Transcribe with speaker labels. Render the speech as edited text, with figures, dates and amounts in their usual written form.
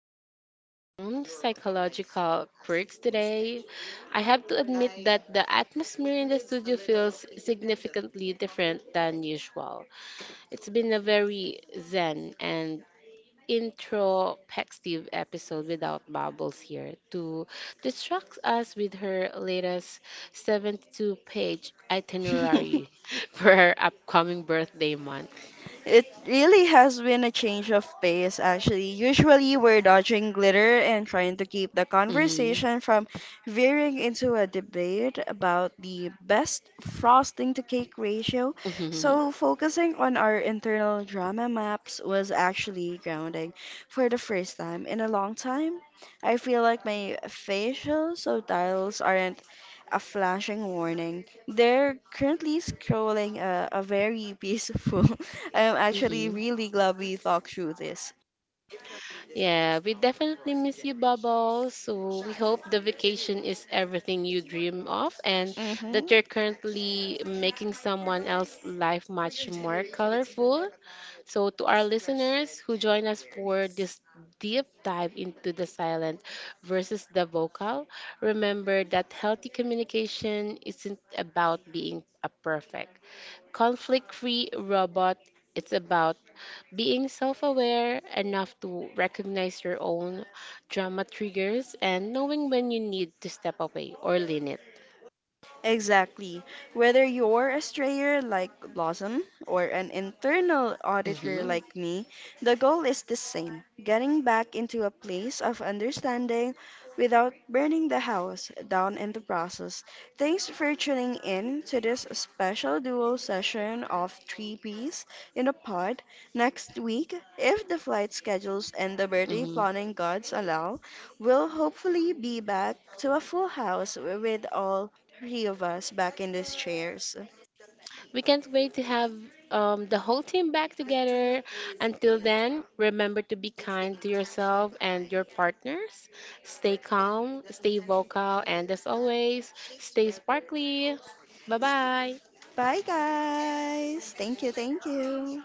Speaker 1: deep into our own psychological quirks today. I have to admit that the atmosphere in the studio feels significantly different than usual. It's been a very zen and introspective episode without Bubbles here to distract us with her latest 72-page itinerary for her upcoming birthday month.
Speaker 2: It really has been a change of pace, actually. Usually, we're dodging glitter and trying to keep the
Speaker 1: Hmm.
Speaker 2: conversation from veering into a debate about the best frosting to cake ratio. So, focusing on our internal drama maps was actually grounding for the first time in a long time. I feel like my facial subtitles aren't a flashing warning. They're currently scrolling a very peaceful. I'm actually really glad we talked through this.
Speaker 1: Yeah, we definitely miss you, Bubbles. So we hope the vacation is everything you dream of and that you're
Speaker 2: Hmm.
Speaker 1: currently making someone else's life much more colorful. So to our listeners who join us for this deep dive into the silent versus the vocal, remember that healthy communication isn't about being a perfect conflict free robot. It's about being self aware enough to recognize your own drama triggers and knowing when you need to step away or limit.
Speaker 2: Exactly. Whether you're a strayer like Blossom or an internal auditor
Speaker 1: Hmm.
Speaker 2: like me, the goal is the same getting back into a place of understanding without burning the house down in the process. Thanks for tuning in to this special duo session of Three Peas in a Pod. Next week, if the flight schedules and the birthday
Speaker 1: Hmm.
Speaker 2: planning gods allow, we'll hopefully be back to a full house with all three of us back in these chairs.
Speaker 1: We can't wait to have the whole team back together. Until then, remember to be kind to yourself and your partners. Stay calm, stay vocal, and as always, stay sparkly. Bye bye.
Speaker 2: Bye, guys. Thank you. Thank you.